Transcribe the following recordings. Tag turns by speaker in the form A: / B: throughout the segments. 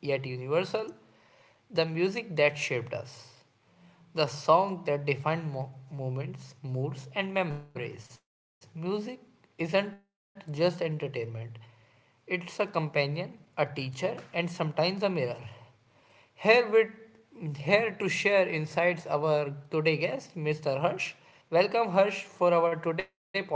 A: yet universal, the music that shaped us. The song that defined moments, moods, and memories. Music isn't just entertainment, it's a companion, a teacher, and sometimes a mirror. Here to share insights our today guest, Mr. Harsh. Welcome Harsh for our today podcast session.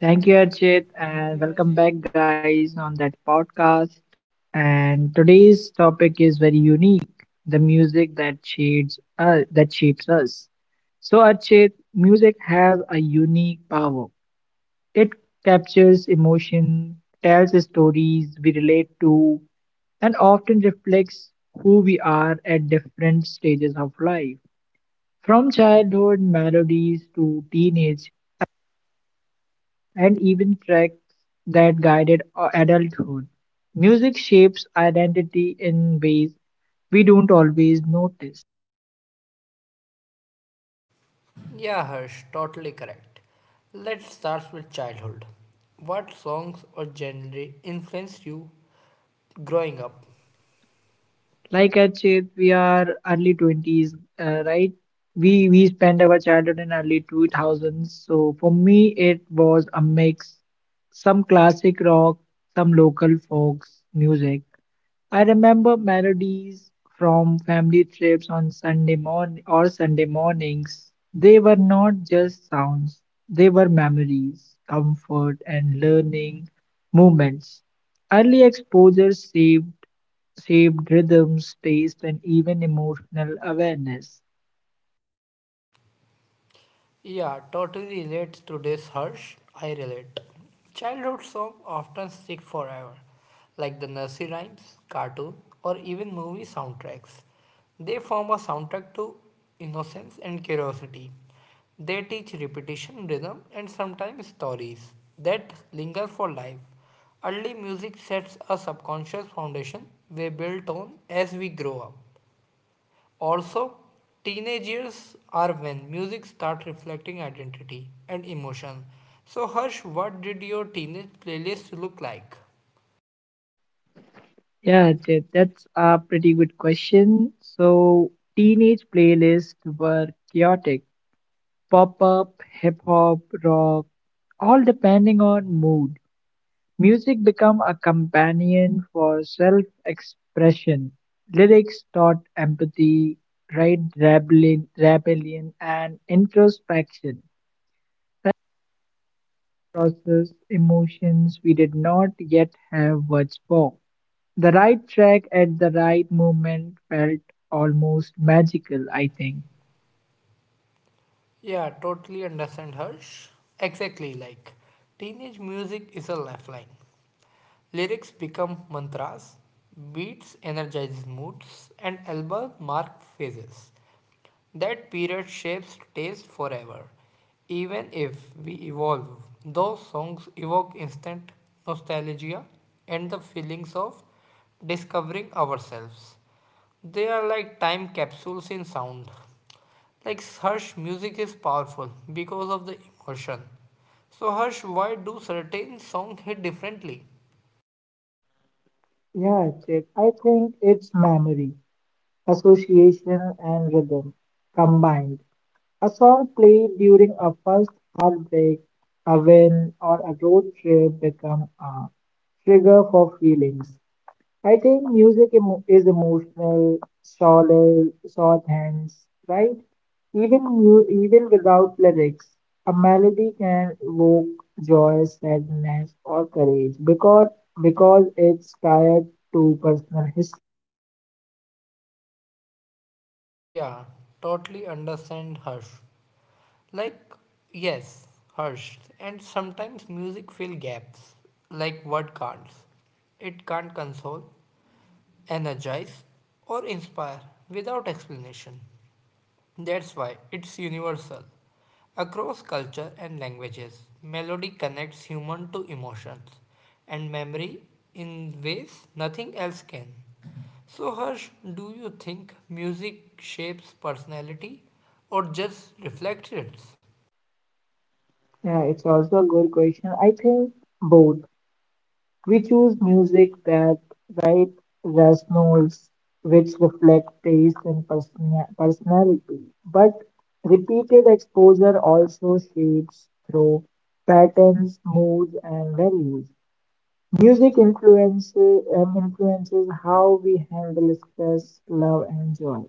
B: Thank you, Archit, and welcome back, guys, on that podcast. And today's topic is very unique: the music that shades that shapes us. So, Archit, music has a unique power. It captures emotion, tells stories we relate to, and often reflects who we are at different stages of life. From childhood melodies to teenage and even tracks that guided our adulthood. Music shapes identity in ways we don't always notice.
A: Yeah, Harsh, totally correct. Let's start with childhood. What songs or genre influenced you growing up?
B: Like Achit, we are early 20s, right? We spent our childhood in early 2000s. So for me, it was a mix, some classic rock, some local folks music, I remember melodies from family trips on Sunday morning or Sunday mornings. They were not just sounds, they were memories, comfort and learning moments. Early exposure saved rhythms, taste and even emotional awareness.
A: Yeah, totally relate to this, Harsh. I relate. Childhood songs often stick forever, like the nursery rhymes, cartoon, or even movie soundtracks. They form a soundtrack to innocence and curiosity. They teach repetition, rhythm, and sometimes stories that linger for life. Early music sets a subconscious foundation we build on as we grow up. Also, teenage years are when music start reflecting identity and emotion. So Harsh, what did your teenage playlist look like?
B: Yeah, Ajit, that's a pretty good question. So teenage playlists were chaotic. Pop-up, hip-hop, rock, all depending on mood. Music became a companion for self-expression; lyrics taught empathy, rebellion, and introspection, process emotions we did not yet have words for. The right track at the right moment felt almost magical, I think.
A: Yeah, totally understand Harsh. Exactly like teenage music is a lifeline. Lyrics become mantras, beats energize moods, and albums mark phases. That period shapes taste forever. Even if we evolve, those songs evoke instant nostalgia and the feelings of discovering ourselves. They are like time capsules in sound. Like Harsh, music is powerful because of the emotion. So Harsh, why do certain songs hit differently?
B: Yeah, Chip, I think it's memory, association, and rhythm combined. A song played during a first heartbreak, a win, or a road trip become a trigger for feelings. I think is emotional, solid, soft hands, right? Even without lyrics, a melody can evoke joy, sadness, or courage because it's tied to personal history.
A: Yeah, totally understand Harsh. Like, yes, Harsh. And sometimes music fill gaps, like word can't. It can't console, energize, or inspire without explanation. That's why it's universal. Across culture and languages, melody connects human to emotions and memory in ways nothing else can. So Harsh, do you think music shapes personality or just reflects it?
B: Yeah, it's also a good question. I think both. We choose music that right resonates, which reflect taste and personality. But repeated exposure also shapes through patterns, moods, and values. Music influences how we handle stress, love, and joy.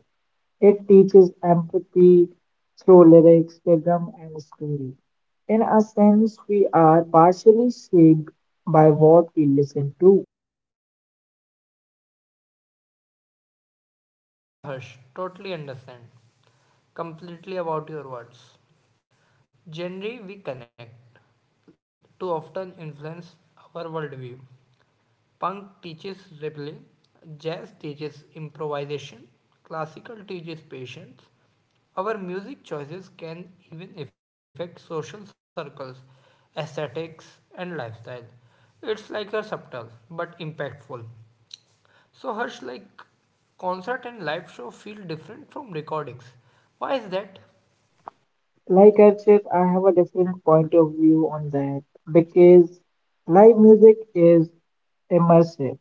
B: It teaches empathy through lyrics, rhythm, and story. In a sense, we are partially shaped by what we listen to.
A: Yeah, Harsh, totally understand. Completely about your words. Generally, we connect to often influence our worldview. Punk teaches rebellion, jazz teaches improvisation, classical teaches patience. Our music choices can even affect social circles, aesthetics, and lifestyle. It's like a subtle but impactful. So, Harsh, like concert and live show feel different from recordings. Why is that?
B: Like I've said, I have a different point of view on that because live music is immersive.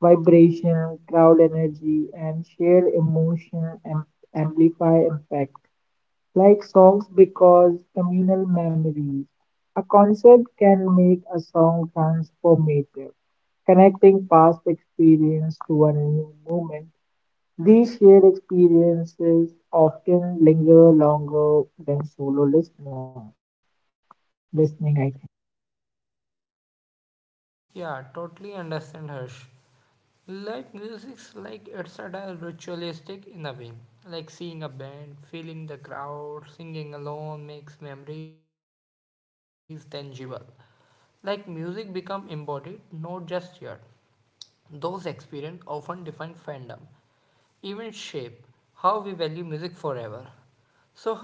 B: Vibration, crowd energy, and shared amplify impact. Like songs, because communal memories. A concert can make a song transformative, connecting past experience to a new moment. These shared experiences often linger longer than solo listening act.
A: Yeah, totally understand Harsh. Like music's like it's a ritualistic in a way. Like seeing a band, feeling the crowd, singing alone makes memories tangible. Like music become embodied, not just heard. Those experiences often define fandom, even shape how we value music forever.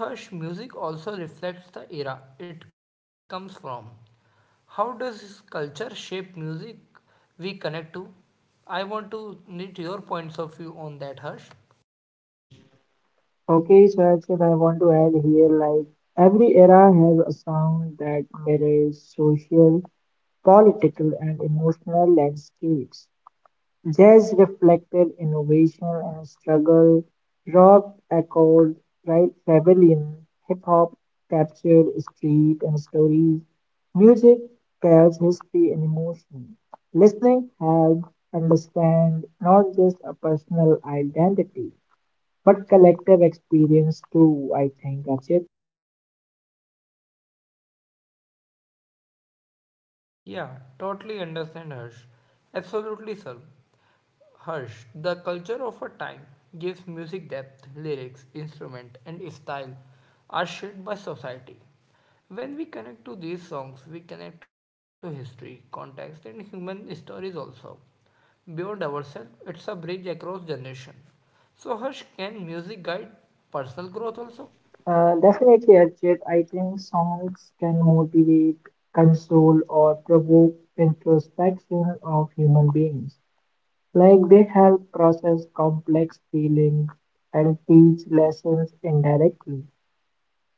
A: So, Harsh, music also reflects the era it comes from. How does culture shape music we connect to? I want to need your points of view on that, Harsh.
B: Okay, so Archit, I want to add here like every era has a sound that mirrors social, political, and emotional landscapes. Jazz reflected innovation and struggle, rock echoed right rebellion, hip hop captured street and stories, music tells history and emotion. Listening helps understand not just a personal identity but collective experience too, I think, Ajit.
A: Yeah, totally understand, Harsh. Absolutely, sir. Harsh, the culture of a time gives music depth, lyrics, instrument, and style are shaped by society. When we connect to these songs, we connect to history, context, and human stories also. Beyond ourselves, it's a bridge across generation. So, Harsh, can music guide personal growth also?
B: Definitely, Ajit. I think songs can motivate, console, or provoke introspection of human beings. Like they help process complex feelings and teach lessons indirectly.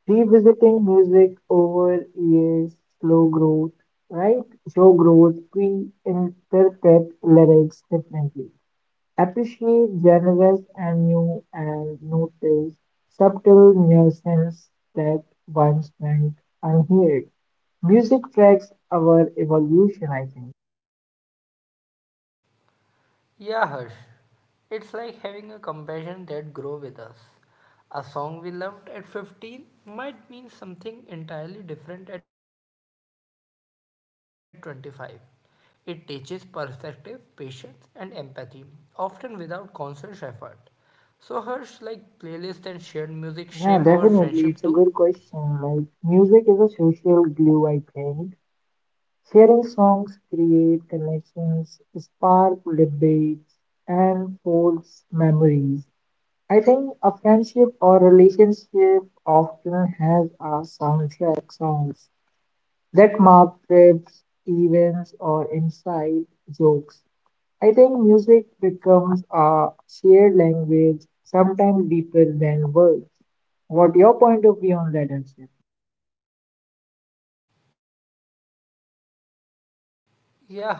B: Revisiting music over years, slow growth, right? Show growth, we interpret lyrics differently. Appreciate generous and new and notice subtle nuances that once went unheard. Music tracks our evolution, I think.
A: Yeah, Harsh. It's like having a compassion that grow with us. A song we loved at 15 might mean something entirely different at 25. It teaches perspective, patience, and empathy, often without conscious effort. So, Harsh, like playlists and shared music shape our friendship too.
B: Yeah, definitely. It's a good question. Like, music is a social glue, I think. Sharing songs create connections, spark debates, and forge memories. I think a friendship or relationship often has a soundtrack songs that mark trips, events, or inside jokes. I think music becomes a shared language, sometimes deeper than words. What your point of view on that, Archit?
A: Yeah, Harsh. Exactly.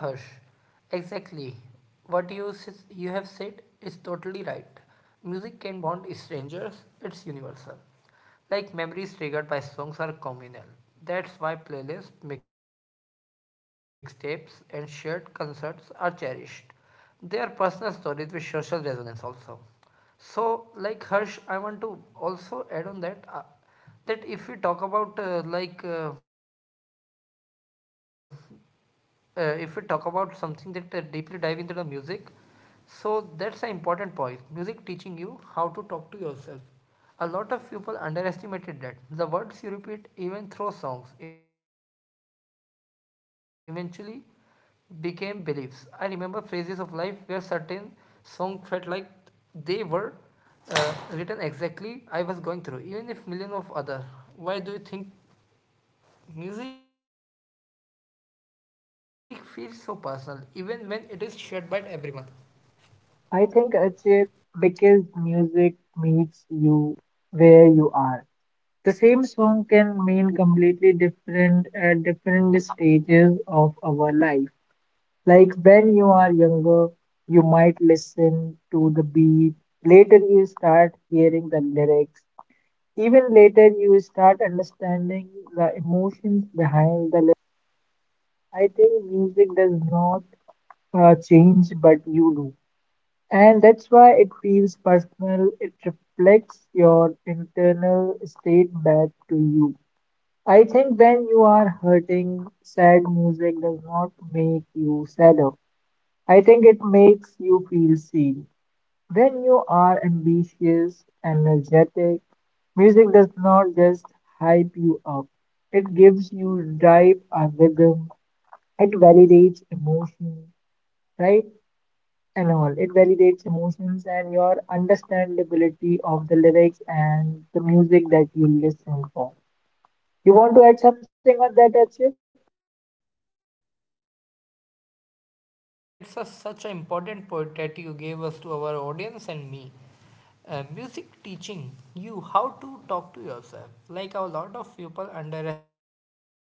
A: You have said is totally right. Music can bond strangers. It's universal. Like memories triggered by songs are communal. That's why playlists, mixtapes, and shared concerts are cherished. They are personal stories with social resonance also. So, like Harsh, I want to also add on that, that if we talk about if we talk about something that deeply dive into the music, so that's an important point. Music teaching you how to talk to yourself. A lot of people underestimated that. The words you repeat, even through songs, eventually became beliefs. I remember phases of life where certain songs felt like they were written exactly I was going through, even if millions of other. Why do you think music feels so personal, even when it is shared by everyone?
B: I think, Archit, because music meets you where you are. The same song can mean completely different at different stages of our life. Like when you are younger, you might listen to the beat. Later, you start hearing the lyrics. Even later, you start understanding the emotions behind the lyrics. I think music does not change, but you do. And that's why it feels personal. It reflects your internal state back to you. I think when you are hurting, sad music does not make you sadder. I think it makes you feel seen. When you are ambitious, energetic, music does not just hype you up, it gives you drive and rhythm, it validates emotion, right? And all. It validates emotions and your understandability of the lyrics and the music that you listen for. You want to add something on that, Archit?
A: Yeah, Harsh, I totally understand. Yeah, such an important point that you gave us to our audience and me. Music teaching you how to talk to yourself. Like a lot of people underestimated that.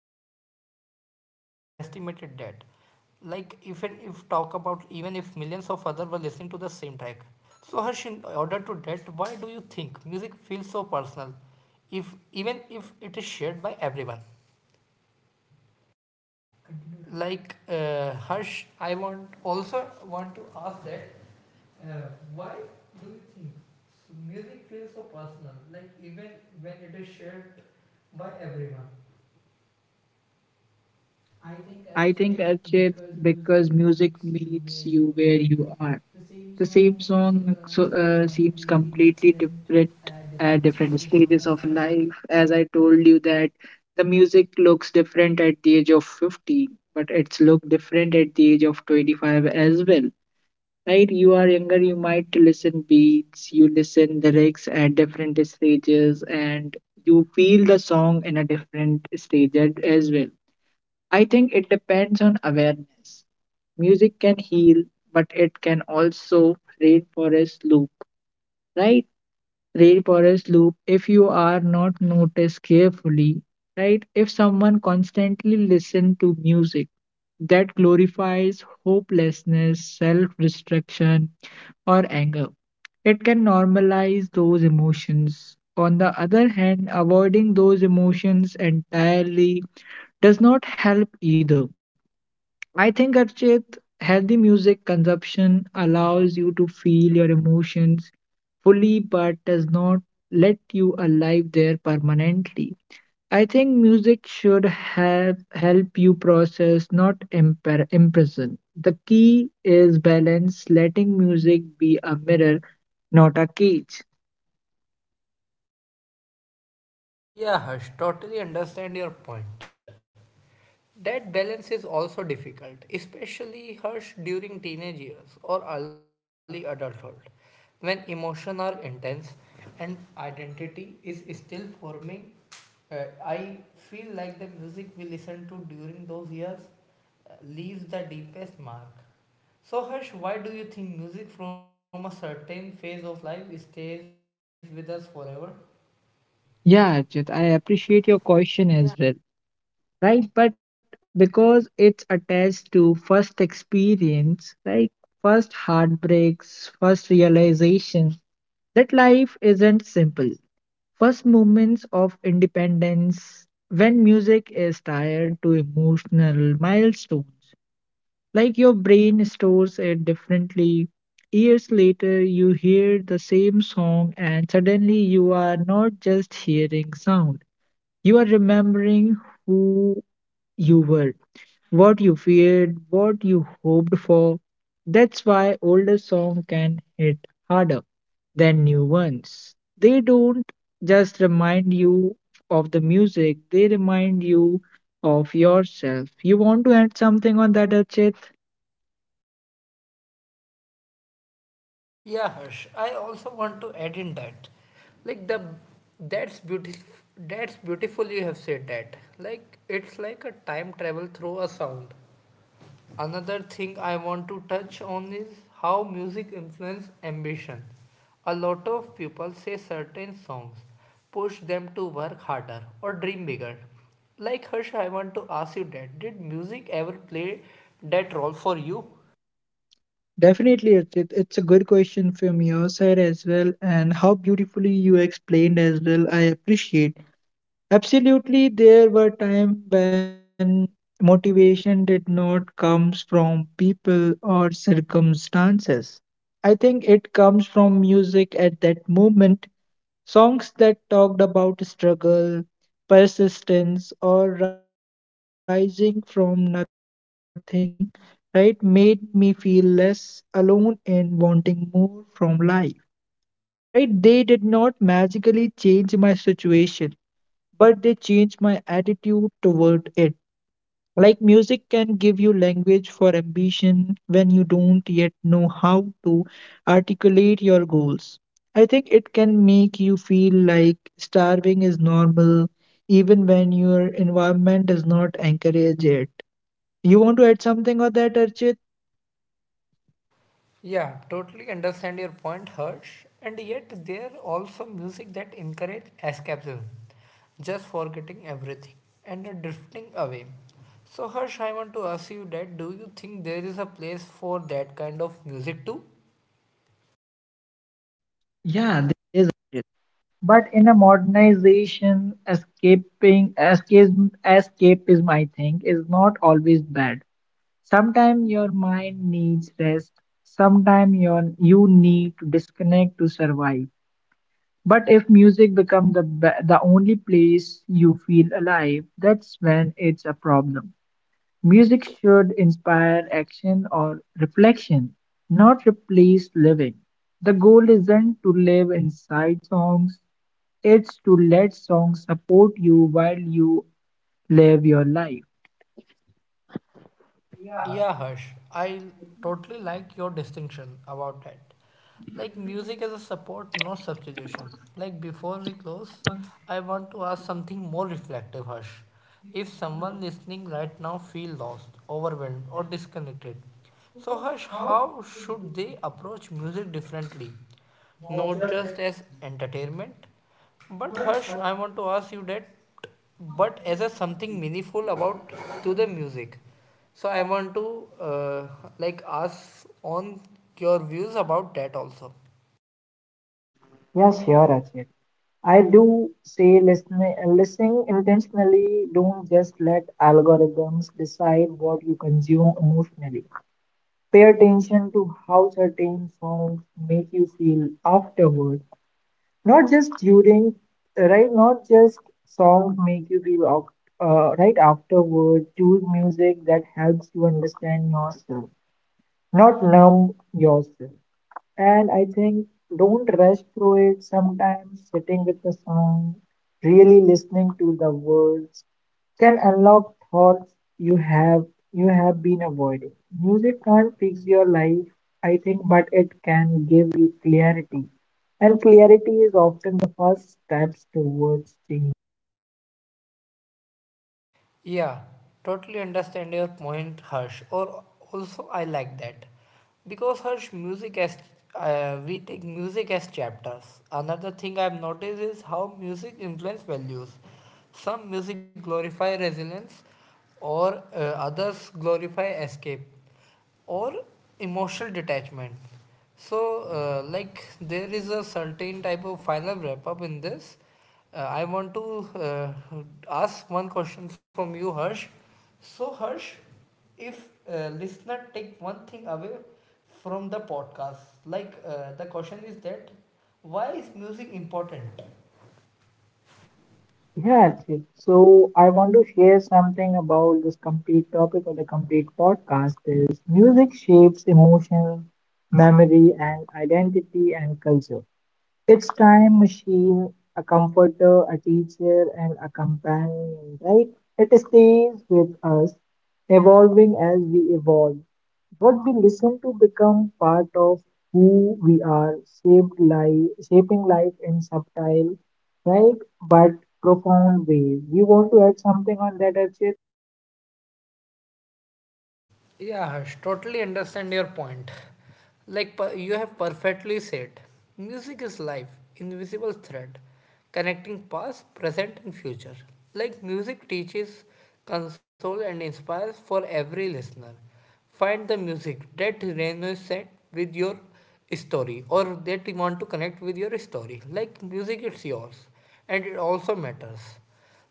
A: Like even if talk about, even if millions of other were listening to the same track. So Harsh, in order to that, why do you think music feels so personal if even if it is shared by everyone? Harsh, I want to ask that, uh, why do you think music feels so personal, like even when it is shared by everyone? I
B: I
A: think
B: think,
A: actually
B: Archit,
A: because
B: because
A: music
B: music
A: meets you
B: meets you
A: where
B: where
A: you
B: you
A: are.
B: are.
A: The
B: The
A: same
B: same
A: song,
B: song so, uh,
A: seems
B: seems
A: completely
B: completely
A: different
B: different
A: at
B: at
A: different
B: different
A: stages of
B: stages
A: your
B: of your
A: life.
B: life. As I told you that the music looks different at the age of 50, but it's look different at the age of 25 as well. Right? You are younger, you might listen beats, you listen lyrics at different stages, and you feel the song in a different as well. I think it depends on awareness. Music can heal, but it can also rainforest loop, right? Rainforest loop, if you are not noticed carefully, right? If someone constantly listen to music that glorifies hopelessness, self-destruction, or anger, it can normalize those emotions. On the other hand, avoiding those emotions entirely does not help either. I think Archit, healthy music consumption allows you to feel your emotions fully but does not let you alive there permanently. I think music should have help you process, not impre- imprison. The key is balance, letting music be a mirror, not a cage.
A: Yeah Harsh, totally understand your point. That balance is also difficult, especially harsh during teenage years or early adulthood, when emotions are intense and identity is still forming. Uh, I feel like the music we listen to during those years leaves the deepest mark. So, Harsh, why do you think music from a certain phase of life stays with us forever?
B: Yeah, Archit, I
A: Yeah,
B: appreciate your question as well. Right? But because it's attached to first experience, like first heartbreaks, first realization that life isn't simple. First moments of independence, when music is tied to emotional milestones, like your brain stores it differently. Years later, you hear the same song, and suddenly you are not just hearing sound, you are remembering who you were what you feared, what you hoped for. That's why older songs can hit harder than new ones. They don't just remind you of the music, they remind you of yourself. You want to add something on that, Archit?
A: Yeah, Harsh. I also want to add in that, like the that's beautiful. That's beautiful. You have said that. Like it's like a time travel through a sound. Another thing I want to touch on is how music influences ambition. A lot of people say certain songs push them to work harder or dream bigger. Like Harsh, I want to ask you that. Did music ever play that role for you?
B: Definitely, Archit. It's a good question from your side as well, and how beautifully you explained as well. I appreciate. Absolutely, there were times when motivation did not comes from people or circumstances. I think it comes from music at that moment, songs that talked about struggle, persistence, or rising from nothing, right, made me feel less alone and wanting more from life. Right, they did not magically change my situation, but they changed my attitude toward it like music can give you language for ambition when you don't yet know how to articulate your goals. I think it can make you feel like starving is normal even when your environment does not encourage it. You want to add something on that, Archit?
A: Yeah, totally understand your point, Harsh. And yet, there also music that encourage escapism, just forgetting everything and drifting away. So, Harsh, I want to ask you that, do you think there is a place for that kind of music too?
B: Yeah, there is. It. But in a modernization, escapism, I think, is not always bad. Sometimes your mind needs rest, sometimes you need to disconnect to survive. But if music becomes the only place you feel alive, that's when it's a problem. Music should inspire action or reflection, not replace living. The goal isn't to live inside songs, it's to let songs support you while you live your life.
A: Yeah, Harsh, I totally like your distinction about that. Like music as a support, no substitution. Like before we close, I want to ask something more reflective, Harsh. If someone listening right now feel lost, overwhelmed, or disconnected, so Harsh, how should they approach music differently? Not just as entertainment, but Harsh, I want to ask you that, but as a something meaningful about to the music. So I want to uh, like ask on your views about that also.
B: Yeah, sure, Achit. I do say listen, listening intentionally. Don't just let algorithms decide what you consume emotionally. Pay attention to how certain songs make you feel afterward, not just during, right? Not just songs make you feel right afterward. Choose music that helps you understand yourself, not numb yourself. And I think don't rush through it. Sometimes sitting with the song, really listening to the words, can unlock thoughts you have you have been avoiding. Music can't fix your life, I think, but it can give you clarity. And clarity is often the first steps towards change.
A: Yeah, totally understand your point harsh, or also I like that. Because harsh, music as, we take music as chapters. Another thing I've noticed is how music influence values. Some music glorify resilience, or others glorify escape or emotional detachment. So, like there is a certain type of final wrap up in this. I want to uh, ask one question from you harsh. So harsh, if listener take one thing away from the podcast, like, the question is that, why is music important?
B: Yeah, Ajit. So I want to share something about this complete topic or the complete podcast is music shapes emotion, memory, and identity and culture. It's time machine, a comforter, a teacher, and a companion, right? It stays with us, evolving as we evolve. What we listen to become part of who we are, shaped life, shaping life in subtle, right, but profound ways. You want to add something on that, Archit?
A: Yeah, Harsh, totally understand your point. Like you have perfectly said, music is life, invisible thread, connecting past, present, and future. Like music teaches, consoles, and inspires for every listener. Find the music that resonates with your story, or that you want to connect with your story. Like music, it's yours, and it also matters.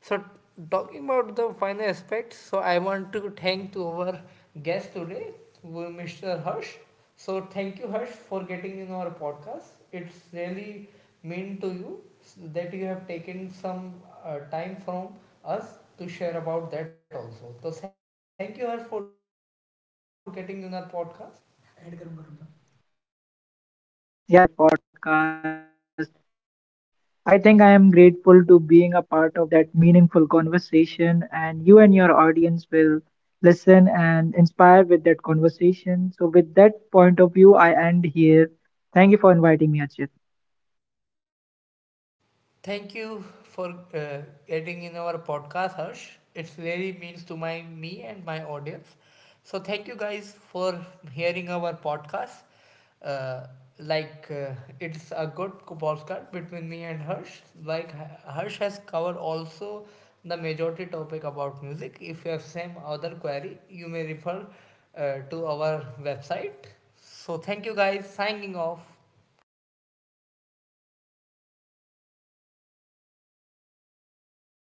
A: So talking about the final aspect, so I want to thank to our guest today, who Mr. Harsh. So thank you, Harsh, for getting in our podcast. It's really mean to you that you have taken some time from us to share about that also. So thank you, Harsh, for getting in our podcast.
B: Yeah, thank you, Archit, for inviting me on that podcast. I think I am grateful to being a part of that meaningful conversation, and you and your audience will listen and inspire with that conversation. So, with that point of view, I end here. Thank you for inviting me, Archit.
A: Thank you for getting in our podcast, Harsh. It really means to my me and my audience. So thank you guys for hearing our podcast. Uh, like uh, it's a good podcast between me and Harsh. Like Harsh has covered also the majority topic about music. If you have same other query, you may refer to our website. So thank you guys. Signing off.